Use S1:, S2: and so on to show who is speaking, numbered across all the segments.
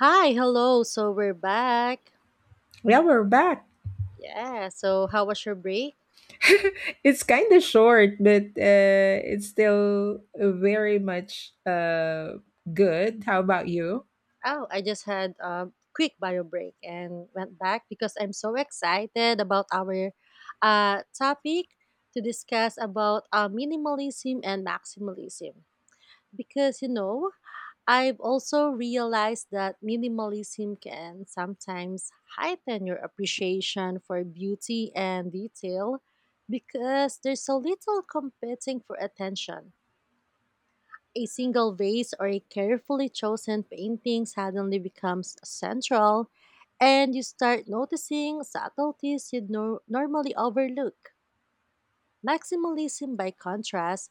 S1: Hi, hello. So we're back.
S2: Yeah, we're back.
S1: Yeah. So how was your break?
S2: It's kind of short, but it's still very much good. How about you?
S1: Oh, I just had a quick bio break and went back because I'm so excited about our topic to discuss about minimalism and maximalism. Because you know, I've also realized that minimalism can sometimes heighten your appreciation for beauty and detail because there's so little competing for attention. A single vase or a carefully chosen painting suddenly becomes central, and you start noticing subtleties you'd normally overlook. Maximalism, by contrast,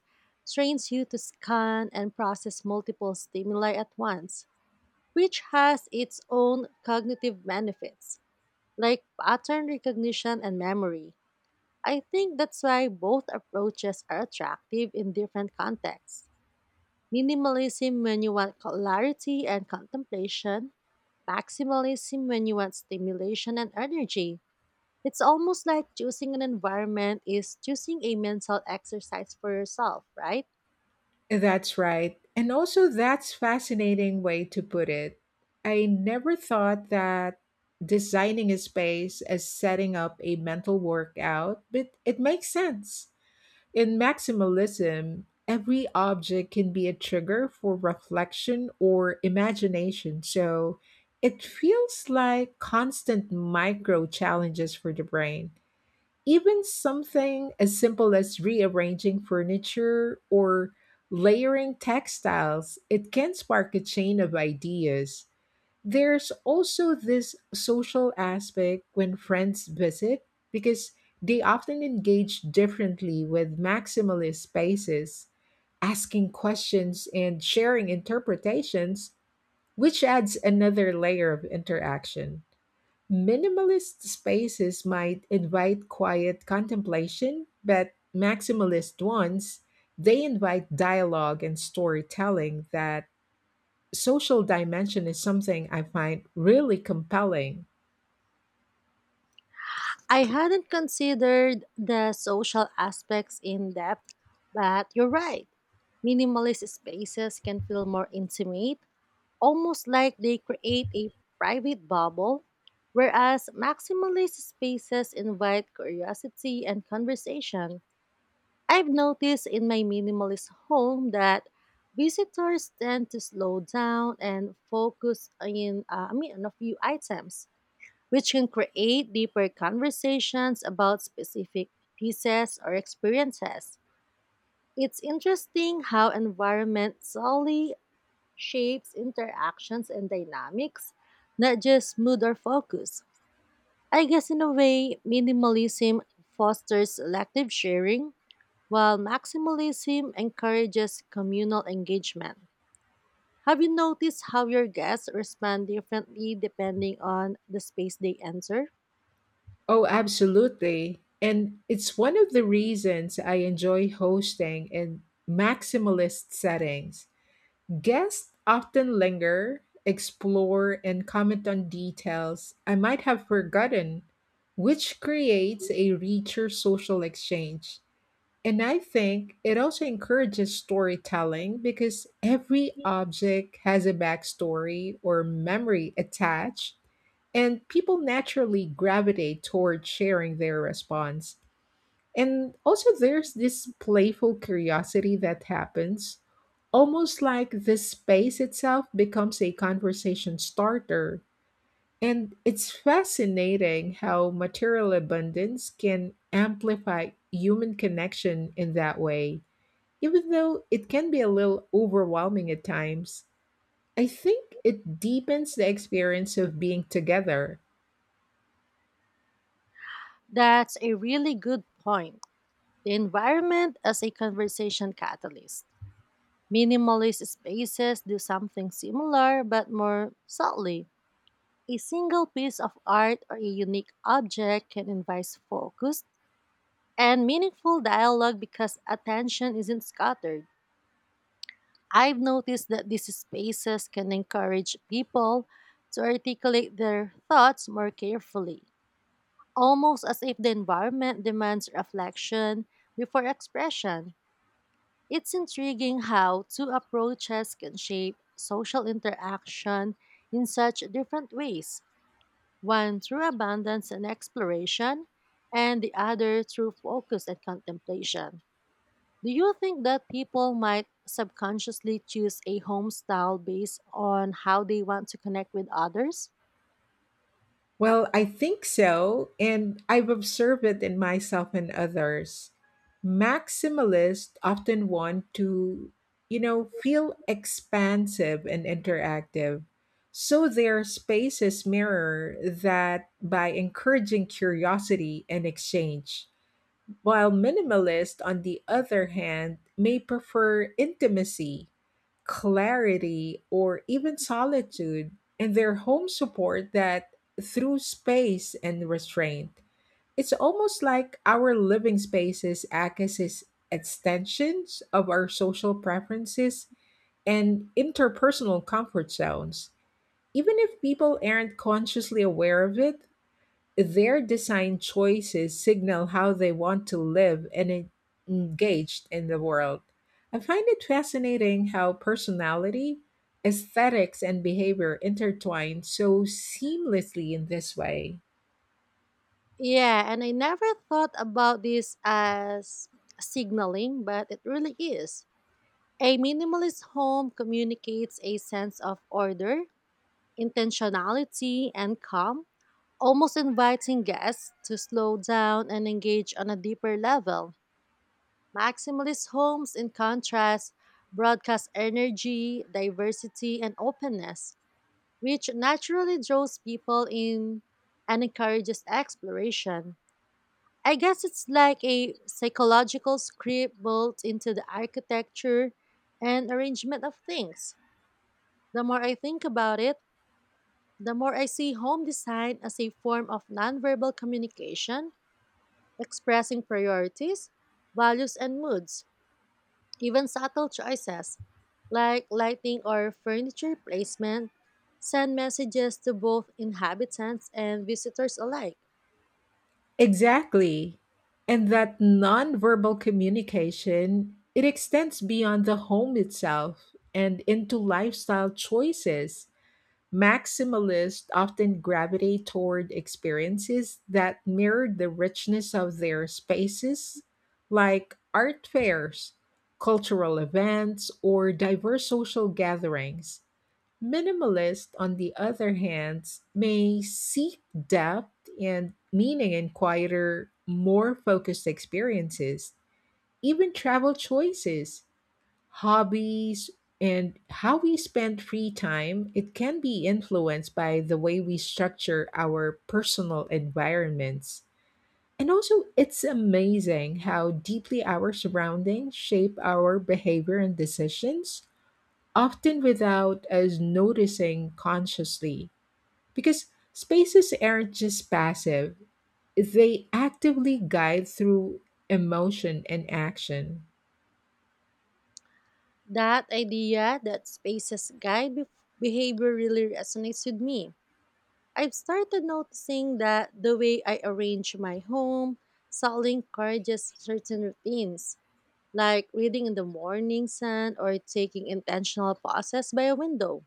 S1: trains you to scan and process multiple stimuli at once, which has its own cognitive benefits, like pattern recognition and memory. I think that's why both approaches are attractive in different contexts. Minimalism when you want clarity and contemplation, maximalism when you want stimulation and energy. It's almost like choosing an environment is choosing a mental exercise for yourself, right?
S2: That's right. And also that's fascinating way to put it. I never thought that designing a space as setting up a mental workout, but it makes sense. In maximalism, every object can be a trigger for reflection or imagination. So it feels like constant micro challenges for the brain. Even something as simple as rearranging furniture or layering textiles, it can spark a chain of ideas. There's also this social aspect when friends visit because they often engage differently with maximalist spaces, asking questions and sharing interpretations, which adds another layer of interaction. Minimalist spaces might invite quiet contemplation, but maximalist ones, they invite dialogue and storytelling, that social dimension is something I find really compelling.
S1: I hadn't considered the social aspects in depth, but you're right. Minimalist spaces can feel more intimate, almost like they create a private bubble, whereas maximalist spaces invite curiosity and conversation. I've noticed in my minimalist home that visitors tend to slow down and focus on a few items, which can create deeper conversations about specific pieces or experiences. It's interesting how environment solely shapes interactions and dynamics, not just mood or focus. I guess in a way, minimalism fosters selective sharing, while maximalism encourages communal engagement. Have you noticed how your guests respond differently depending on the space they enter?
S2: Oh, absolutely. And it's one of the reasons I enjoy hosting in maximalist settings. Guests often linger, explore, and comment on details I might have forgotten, which creates a richer social exchange. And I think it also encourages storytelling because every object has a backstory or memory attached, and people naturally gravitate toward sharing their response. And also, there's this playful curiosity that happens, almost like the space itself becomes a conversation starter. And it's fascinating how material abundance can amplify human connection in that way, even though it can be a little overwhelming at times. I think it deepens the experience of being together.
S1: That's a really good point. The environment as a conversation catalyst. Minimalist spaces do something similar but more subtly. A single piece of art or a unique object can invite focused and meaningful dialogue because attention isn't scattered. I've noticed that these spaces can encourage people to articulate their thoughts more carefully, almost as if the environment demands reflection before expression. It's intriguing how two approaches can shape social interaction in such different ways: one through abundance and exploration, and the other through focus and contemplation. Do you think that people might subconsciously choose a home style based on how they want to connect with others?
S2: Well, I think so, and I've observed it in myself and others. Maximalists often want to, you know, feel expansive and interactive. So their spaces mirror that by encouraging curiosity and exchange, while minimalists, on the other hand, may prefer intimacy, clarity, or even solitude in their home support that through space and restraint. It's almost like our living spaces act as extensions of our social preferences and interpersonal comfort zones. Even if people aren't consciously aware of it, their design choices signal how they want to live and engaged in the world. I find it fascinating how personality, aesthetics, and behavior intertwine so seamlessly in this way.
S1: Yeah, and I never thought about this as signaling, but it really is. A minimalist home communicates a sense of order, intentionality, and calm, almost inviting guests to slow down and engage on a deeper level. Maximalist homes, in contrast, broadcast energy, diversity, and openness, which naturally draws people in and encourages exploration. I guess it's like a psychological script built into the architecture and arrangement of things. The more I think about it, the more I see home design as a form of nonverbal communication expressing priorities, values, and moods. Even subtle choices, like lighting or furniture placement, send messages to both inhabitants and visitors alike.
S2: Exactly. And that nonverbal communication, it extends beyond the home itself and into lifestyle choices. Maximalists often gravitate toward experiences that mirror the richness of their spaces, like art fairs, cultural events, or diverse social gatherings. Minimalists, on the other hand, may seek depth and meaning in quieter, more focused experiences, even travel choices, hobbies, and how we spend free time, it can be influenced by the way we structure our personal environments. And also, it's amazing how deeply our surroundings shape our behavior and decisions, often without us noticing consciously. Because spaces aren't just passive, they actively guide through emotion and action.
S1: That idea that spaces guide behavior really resonates with me. I've started noticing that the way I arrange my home subtly encourages certain routines, like reading in the morning sun or taking intentional pauses by a window.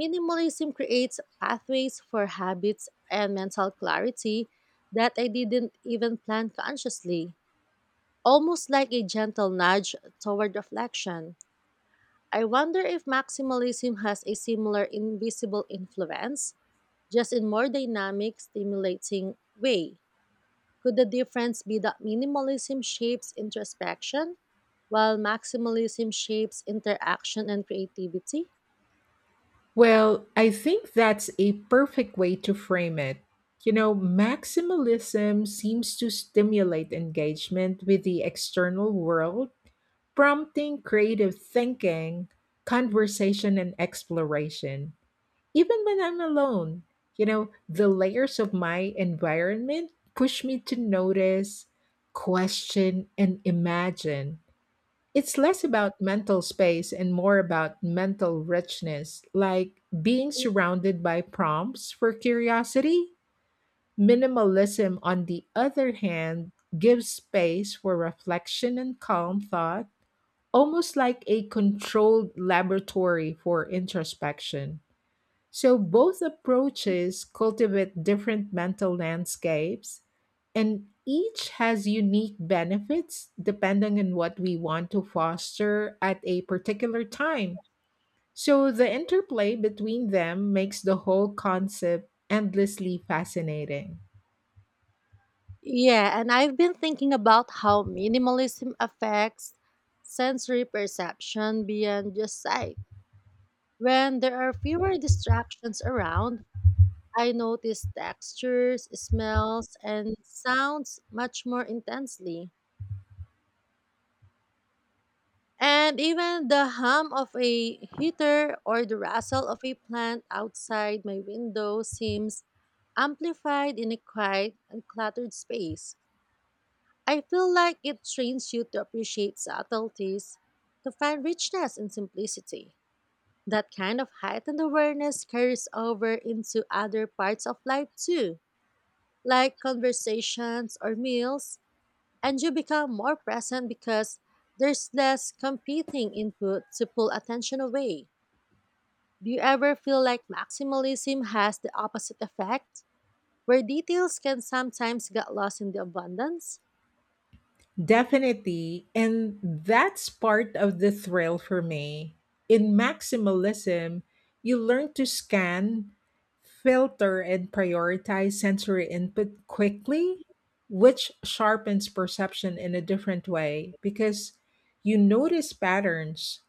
S1: Minimalism creates pathways for habits and mental clarity that I didn't even plan consciously, almost like a gentle nudge toward reflection. I wonder if maximalism has a similar invisible influence, just in more dynamic, stimulating way. Could the difference be that minimalism shapes introspection, while maximalism shapes interaction and creativity?
S2: Well, I think that's a perfect way to frame it. You know, maximalism seems to stimulate engagement with the external world, prompting creative thinking, conversation, and exploration. Even when I'm alone, you know, the layers of my environment push me to notice, question, and imagine. It's less about mental space and more about mental richness, like being surrounded by prompts for curiosity. Minimalism, on the other hand, gives space for reflection and calm thought, almost like a controlled laboratory for introspection. So both approaches cultivate different mental landscapes, and each has unique benefits depending on what we want to foster at a particular time. So the interplay between them makes the whole concept endlessly fascinating.
S1: Yeah, and I've been thinking about how minimalism affects sensory perception beyond just sight. When there are fewer distractions around, I notice textures, smells, and sounds much more intensely. And even the hum of a heater or the rustle of a plant outside my window seems amplified in a quiet and cluttered space. I feel like it trains you to appreciate subtleties, to find richness in simplicity. That kind of heightened awareness carries over into other parts of life too, like conversations or meals, and you become more present because there's less competing input to pull attention away. Do you ever feel like maximalism has the opposite effect, where details can sometimes get lost in the abundance?
S2: Definitely. And that's part of the thrill for me. In maximalism, you learn to scan, filter, and prioritize sensory input quickly, which sharpens perception in a different way because you notice patterns,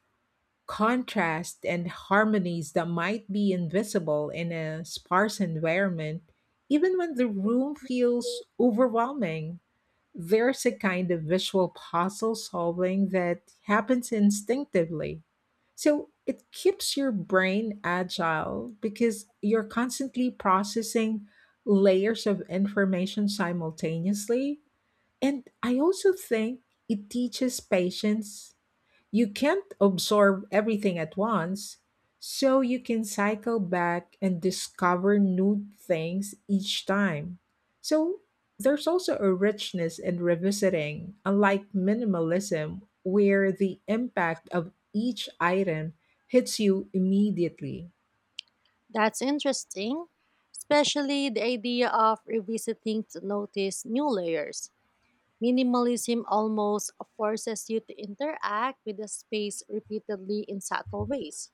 S2: contrast, and harmonies that might be invisible in a sparse environment, even when the room feels overwhelming. There's a kind of visual puzzle solving that happens instinctively. So it keeps your brain agile because you're constantly processing layers of information simultaneously. And I also think it teaches patience, you can't absorb everything at once, so you can cycle back and discover new things each time. So there's also a richness in revisiting, unlike minimalism, where the impact of each item hits you immediately.
S1: That's interesting, especially the idea of revisiting to notice new layers. Minimalism almost forces you to interact with the space repeatedly in subtle ways,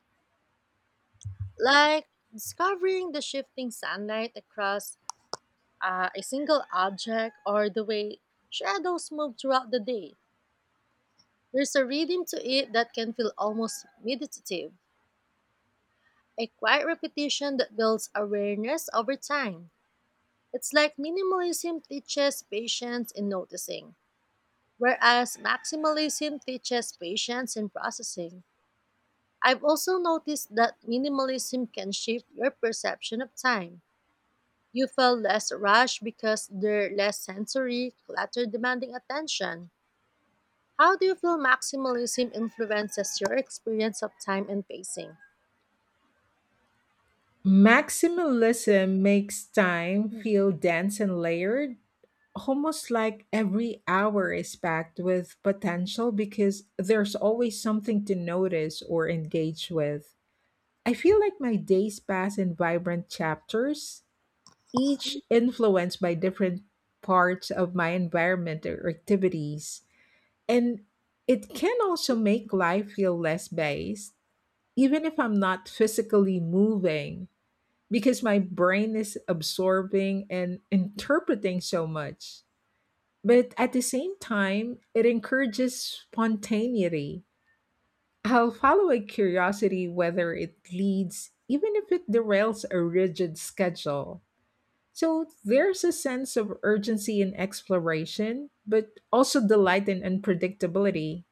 S1: like discovering the shifting sunlight across a single object or the way shadows move throughout the day. There's a rhythm to it that can feel almost meditative, a quiet repetition that builds awareness over time. It's like minimalism teaches patience in noticing, whereas maximalism teaches patience in processing. I've also noticed that minimalism can shift your perception of time. You feel less rushed because they're less sensory, clutter demanding attention. How do you feel maximalism influences your experience of time and pacing?
S2: Maximalism makes time feel dense and layered, almost like every hour is packed with potential because there's always something to notice or engage with. I feel like my days pass in vibrant chapters, each influenced by different parts of my environment or activities. And it can also make life feel less based, even if I'm not physically moving, because my brain is absorbing and interpreting so much. But at the same time, it encourages spontaneity. I'll follow a curiosity whether it leads, even if it derails a rigid schedule. So there's a sense of urgency in exploration, but also delight in unpredictability.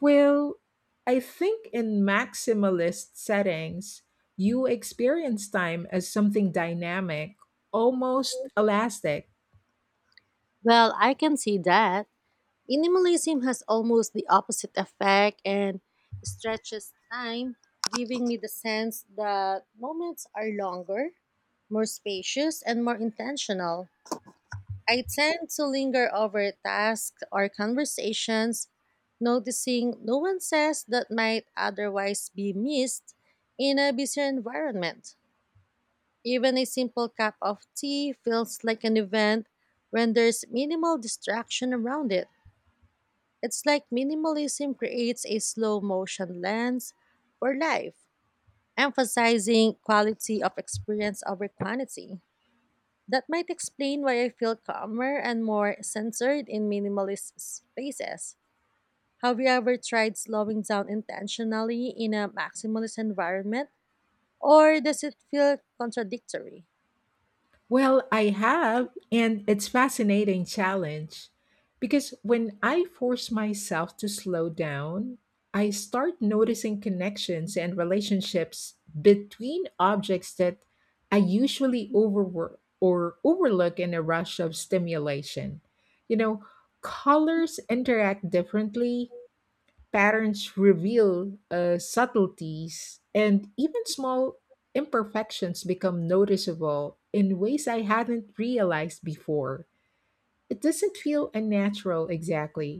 S2: Well, I think in maximalist settings, you experience time as something dynamic, almost elastic.
S1: Well, I can see that. Minimalism has almost the opposite effect and stretches time, giving me the sense that moments are longer, more spacious, and more intentional. I tend to linger over tasks or conversations, noticing nuances that might otherwise be missed in a busier environment. Even a simple cup of tea feels like an event when there's minimal distraction around it. It's like minimalism creates a slow motion lens for life, emphasizing quality of experience over quantity. That might explain why I feel calmer and more centered in minimalist spaces. Have you ever tried slowing down intentionally in a maximalist environment, or does it feel contradictory?
S2: Well, I have, and it's fascinating challenge because when I force myself to slow down, I start noticing connections and relationships between objects that I usually overwork or overlook in a rush of stimulation. You know, colors interact differently, patterns reveal subtleties, and even small imperfections become noticeable in ways I hadn't realized before. It doesn't feel unnatural exactly,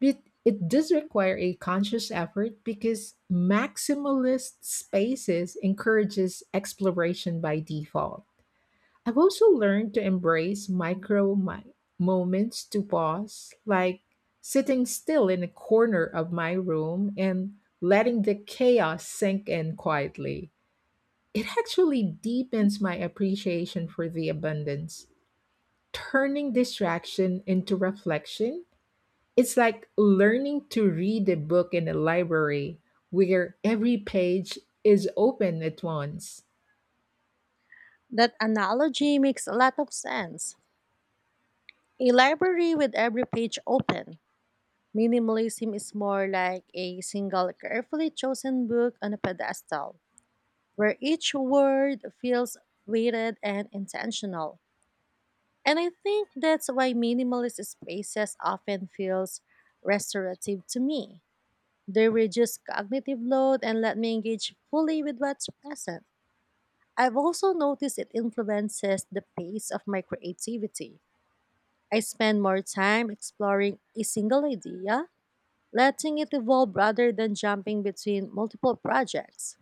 S2: but it does require a conscious effort because maximalist spaces encourages exploration by default. I've also learned to embrace micro moments to pause, like sitting still in a corner of my room and letting the chaos sink in quietly. It actually deepens my appreciation for the abundance. Turning distraction into reflection, it's like learning to read a book in a library where every page is open at once.
S1: That analogy makes a lot of sense. A library with every page open. Minimalism is more like a single carefully chosen book on a pedestal, where each word feels weighted and intentional. And I think that's why minimalist spaces often feels restorative to me. They reduce cognitive load and let me engage fully with what's present. I've also noticed it influences the pace of my creativity. I spend more time exploring a single idea, letting it evolve rather than jumping between multiple projects.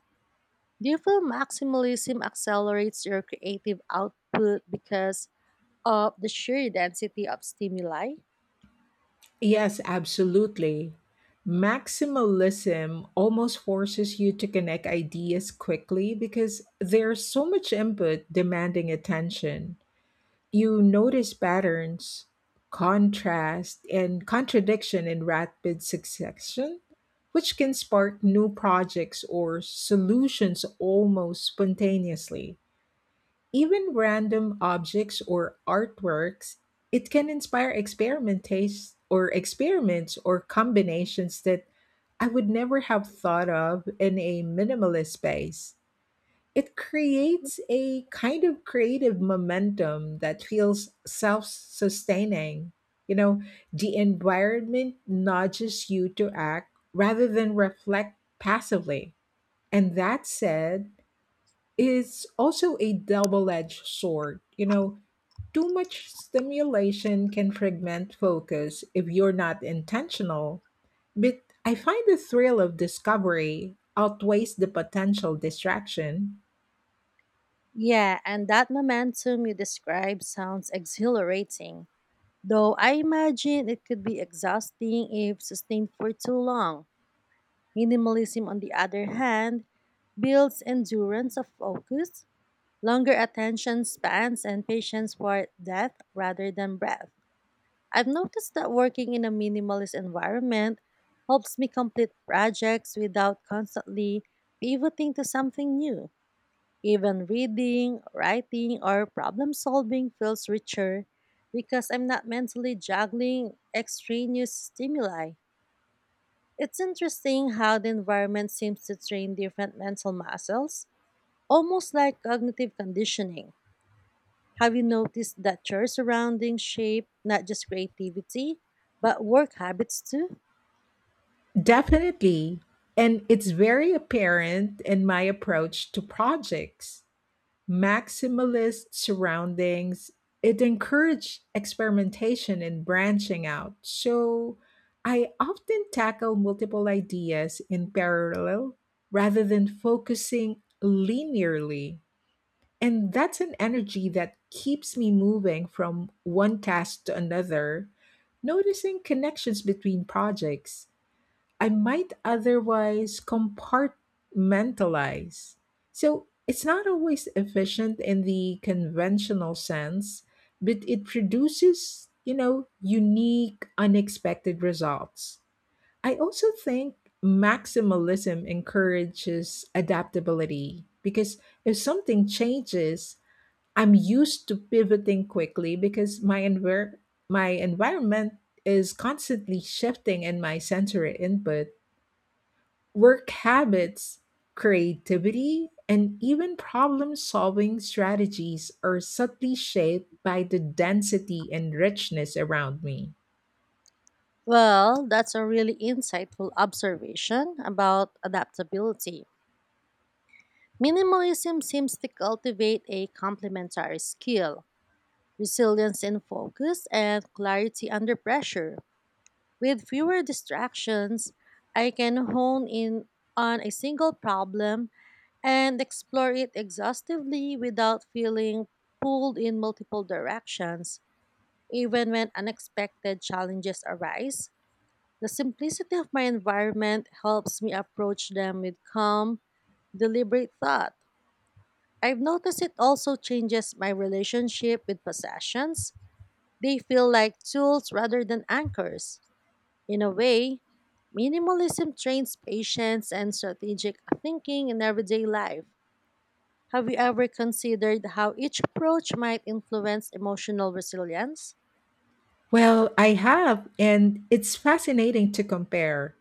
S1: Do you feel maximalism accelerates your creative output because of the sheer density of stimuli?
S2: Yes, absolutely. Maximalism almost forces you to connect ideas quickly because there's so much input demanding attention. You notice patterns, contrast, and contradiction in rapid succession, which can spark new projects or solutions almost spontaneously. Even random objects or artworks, it can inspire experimentation or experiments or combinations that I would never have thought of in a minimalist space. It creates a kind of creative momentum that feels self sustaining. You know, the environment nudges you to act rather than reflect passively. And that said, is also a double edged sword. You know, too much stimulation can fragment focus if you're not intentional. But I find the thrill of discovery outweighs the potential distraction.
S1: Yeah, and that momentum you describe sounds exhilarating, though I imagine it could be exhausting if sustained for too long. Minimalism, on the other hand, builds endurance of focus, longer attention spans, and patience for depth rather than breadth. I've noticed that working in a minimalist environment helps me complete projects without constantly pivoting to something new. Even reading, writing, or problem solving feels richer because I'm not mentally juggling extraneous stimuli. It's interesting how the environment seems to train different mental muscles, almost like cognitive conditioning. Have you noticed that your surroundings shape not just creativity, but work habits too?
S2: Definitely. And it's very apparent in my approach to projects. Maximalist surroundings, it encouraged experimentation and branching out. So I often tackle multiple ideas in parallel rather than focusing linearly. And that's an energy that keeps me moving from one task to another, noticing connections between projects. I might otherwise compartmentalize. So it's not always efficient in the conventional sense, but it produces, you know, unique, unexpected results. I also think maximalism encourages adaptability because if something changes, I'm used to pivoting quickly because my environment is constantly shifting, and my sensory input, work habits, creativity, and even problem solving strategies are subtly shaped by the density and richness around me.
S1: Well, that's a really insightful observation about adaptability. Minimalism seems to cultivate a complementary skill: resilience in focus and clarity under pressure. With fewer distractions, I can hone in on a single problem and explore it exhaustively without feeling pulled in multiple directions. Even when unexpected challenges arise, the simplicity of my environment helps me approach them with calm, deliberate thought. I've noticed it also changes my relationship with possessions. They feel like tools rather than anchors. In a way, minimalism trains patience and strategic thinking in everyday life. Have you ever considered how each approach might influence emotional resilience?
S2: Well, I have, and it's fascinating to compare.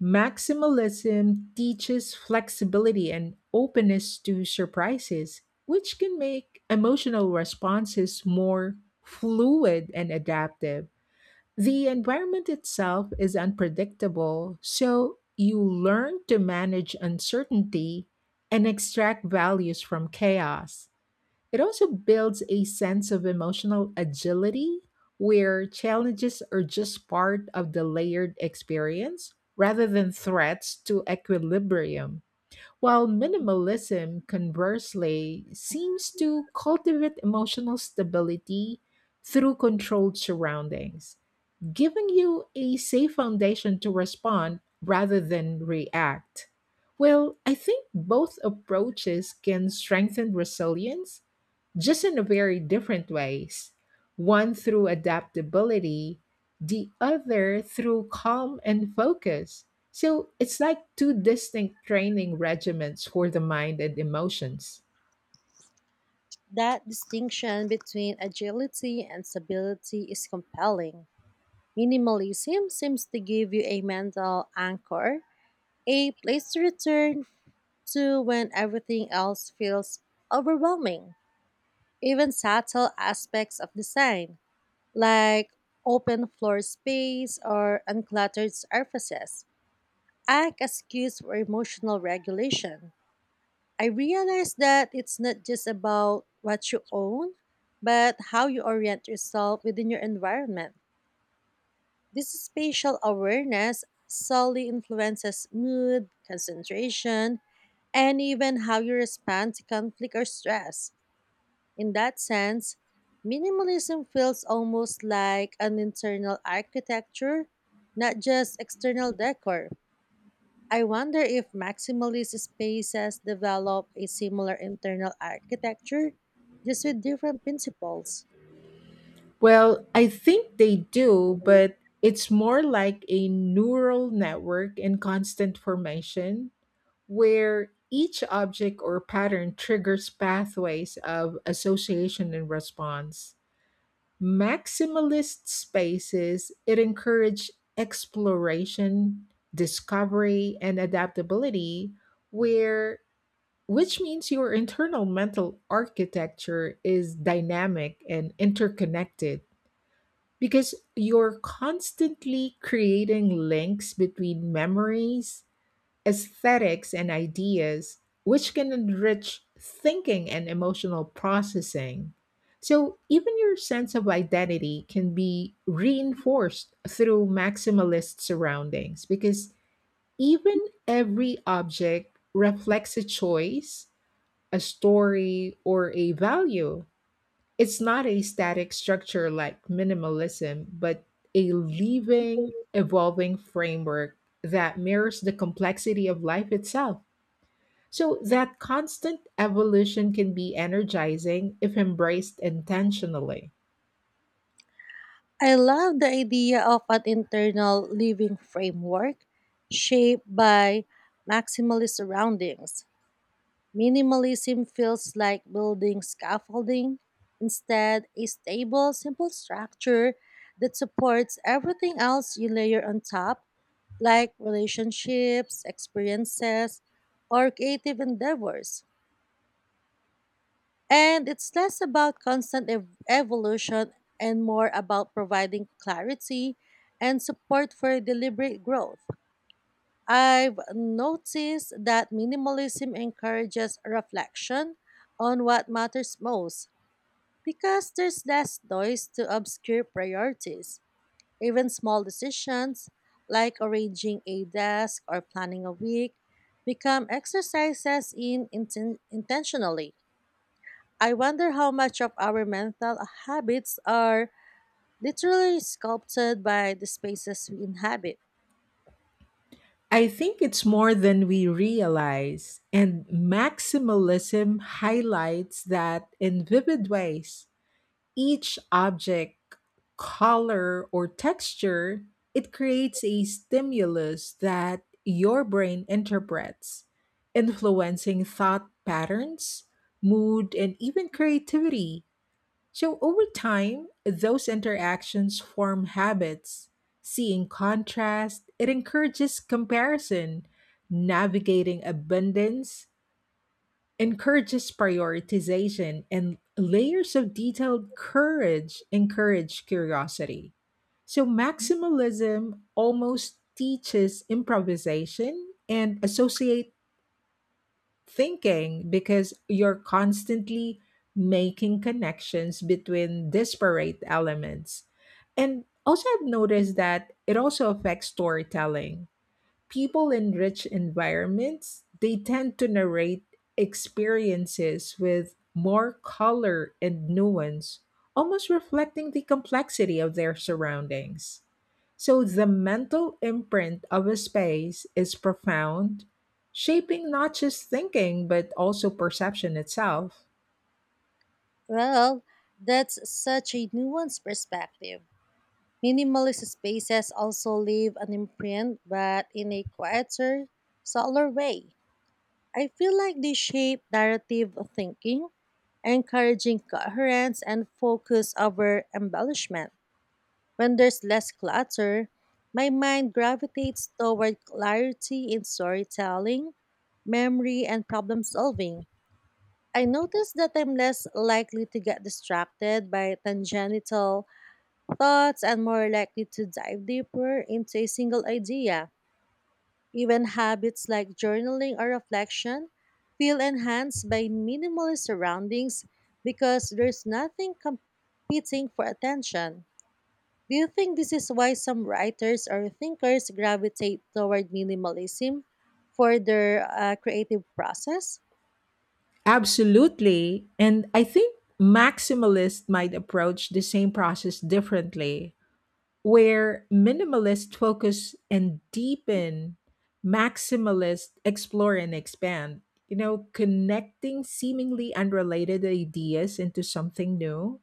S2: Maximalism teaches flexibility and openness to surprises, which can make emotional responses more fluid and adaptive. The environment itself is unpredictable, so you learn to manage uncertainty and extract values from chaos. It also builds a sense of emotional agility where challenges are just part of the layered experience rather than threats to equilibrium. While minimalism, conversely, seems to cultivate emotional stability through controlled surroundings, giving you a safe foundation to respond rather than react. Well, I think both approaches can strengthen resilience, just in a very different ways. One through adaptability, the other through calm and focus. So it's like two distinct training regimens for the mind and emotions.
S1: That distinction between agility and stability is compelling. Minimalism seems to give you a mental anchor, a place to return to when everything else feels overwhelming. Even subtle aspects of design, like open floor space or uncluttered surfaces, act as cues for emotional regulation. I realized that it's not just about what you own, but how you orient yourself within your environment. This spatial awareness solely influences mood, concentration, and even how you respond to conflict or stress. In that sense, minimalism feels almost like an internal architecture, not just external decor. I wonder if maximalist spaces develop a similar internal architecture, just with different principles.
S2: Well, I think they do, but it's more like a neural network in constant formation where each object or pattern triggers pathways of association and response. Maximalist spaces, it encouraged exploration, discovery, and adaptability, where which means your internal mental architecture is dynamic and interconnected because you're constantly creating links between memories, aesthetics, and ideas, which can enrich thinking and emotional processing. So, even your sense of identity can be reinforced through maximalist surroundings because even every object reflects a choice, a story, or a value. It's not a static structure like minimalism, but a living, evolving framework that mirrors the complexity of life itself. So, that constant evolution can be energizing if embraced intentionally.
S1: I love the idea of an internal living framework shaped by maximalist surroundings. Minimalism feels like building scaffolding instead, a stable, simple structure that supports everything else you layer on top, like relationships, experiences, or creative endeavors. And it's less about constant evolution and more about providing clarity and support for deliberate growth. I've noticed that minimalism encourages reflection on what matters most because there's less noise to obscure priorities. Even small decisions like arranging a desk or planning a week become exercises in intentionally. I wonder how much of our mental habits are literally sculpted by the spaces we inhabit.
S2: I think it's more than we realize, and maximalism highlights that in vivid ways. Each object, color, or texture, it creates a stimulus that your brain interprets, influencing thought patterns, mood, and even creativity. So, over time, those interactions form habits. Seeing contrast, it encourages comparison. Navigating abundance encourages prioritization, and layers of detailed courage encourage curiosity. So, maximalism almost teaches improvisation and associate thinking because you're constantly making connections between disparate elements. And also, I've noticed that it also affects storytelling, people in rich environments they tend to narrate experiences with more color and nuance, almost reflecting the complexity of their surroundings, so the mental imprint of a space is profound, shaping not just thinking but also perception itself.
S1: Well, that's such a nuanced perspective. Minimalist spaces also leave an imprint, but in a quieter, subtler way. I feel like they shape narrative thinking, encouraging coherence and focus over embellishment. When there's less clutter, my mind gravitates toward clarity in storytelling, memory, and problem solving. I notice that I'm less likely to get distracted by tangential thoughts and more likely to dive deeper into a single idea. Even habits like journaling or reflection feel enhanced by minimalist surroundings because there's nothing competing for attention. Do you think this is why some writers or thinkers gravitate toward minimalism for their creative process?
S2: Absolutely. And I think maximalists might approach the same process differently. Where minimalists focus and deepen, maximalists explore and expand. You know, connecting seemingly unrelated ideas into something new.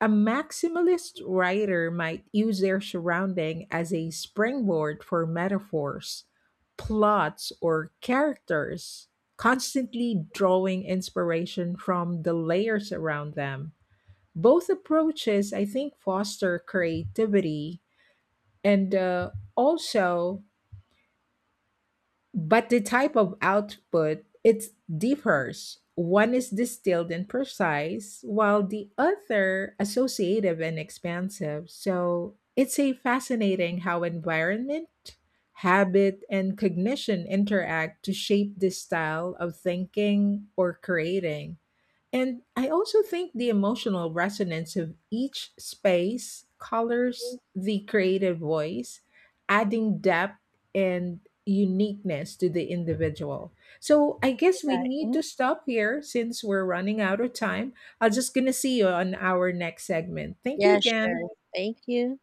S2: A maximalist writer might use their surrounding as a springboard for metaphors, plots, or characters, constantly drawing inspiration from the layers around them. Both approaches, I think, foster creativity, and also, but the type of output it differs, one is distilled and precise while the other associative and expansive, so it's a fascinating how environment, habit, and cognition interact to shape this style of thinking or creating. And I also think the emotional resonance of each space colors the creative voice, adding depth and uniqueness to the individual. So I guess we
S1: Yeah,
S2: need to
S1: mm,
S2: stop here since we're running out of time. I'm just going to see you on our next segment. Thank you
S1: yeah,
S2: again.
S1: sure. Thank you.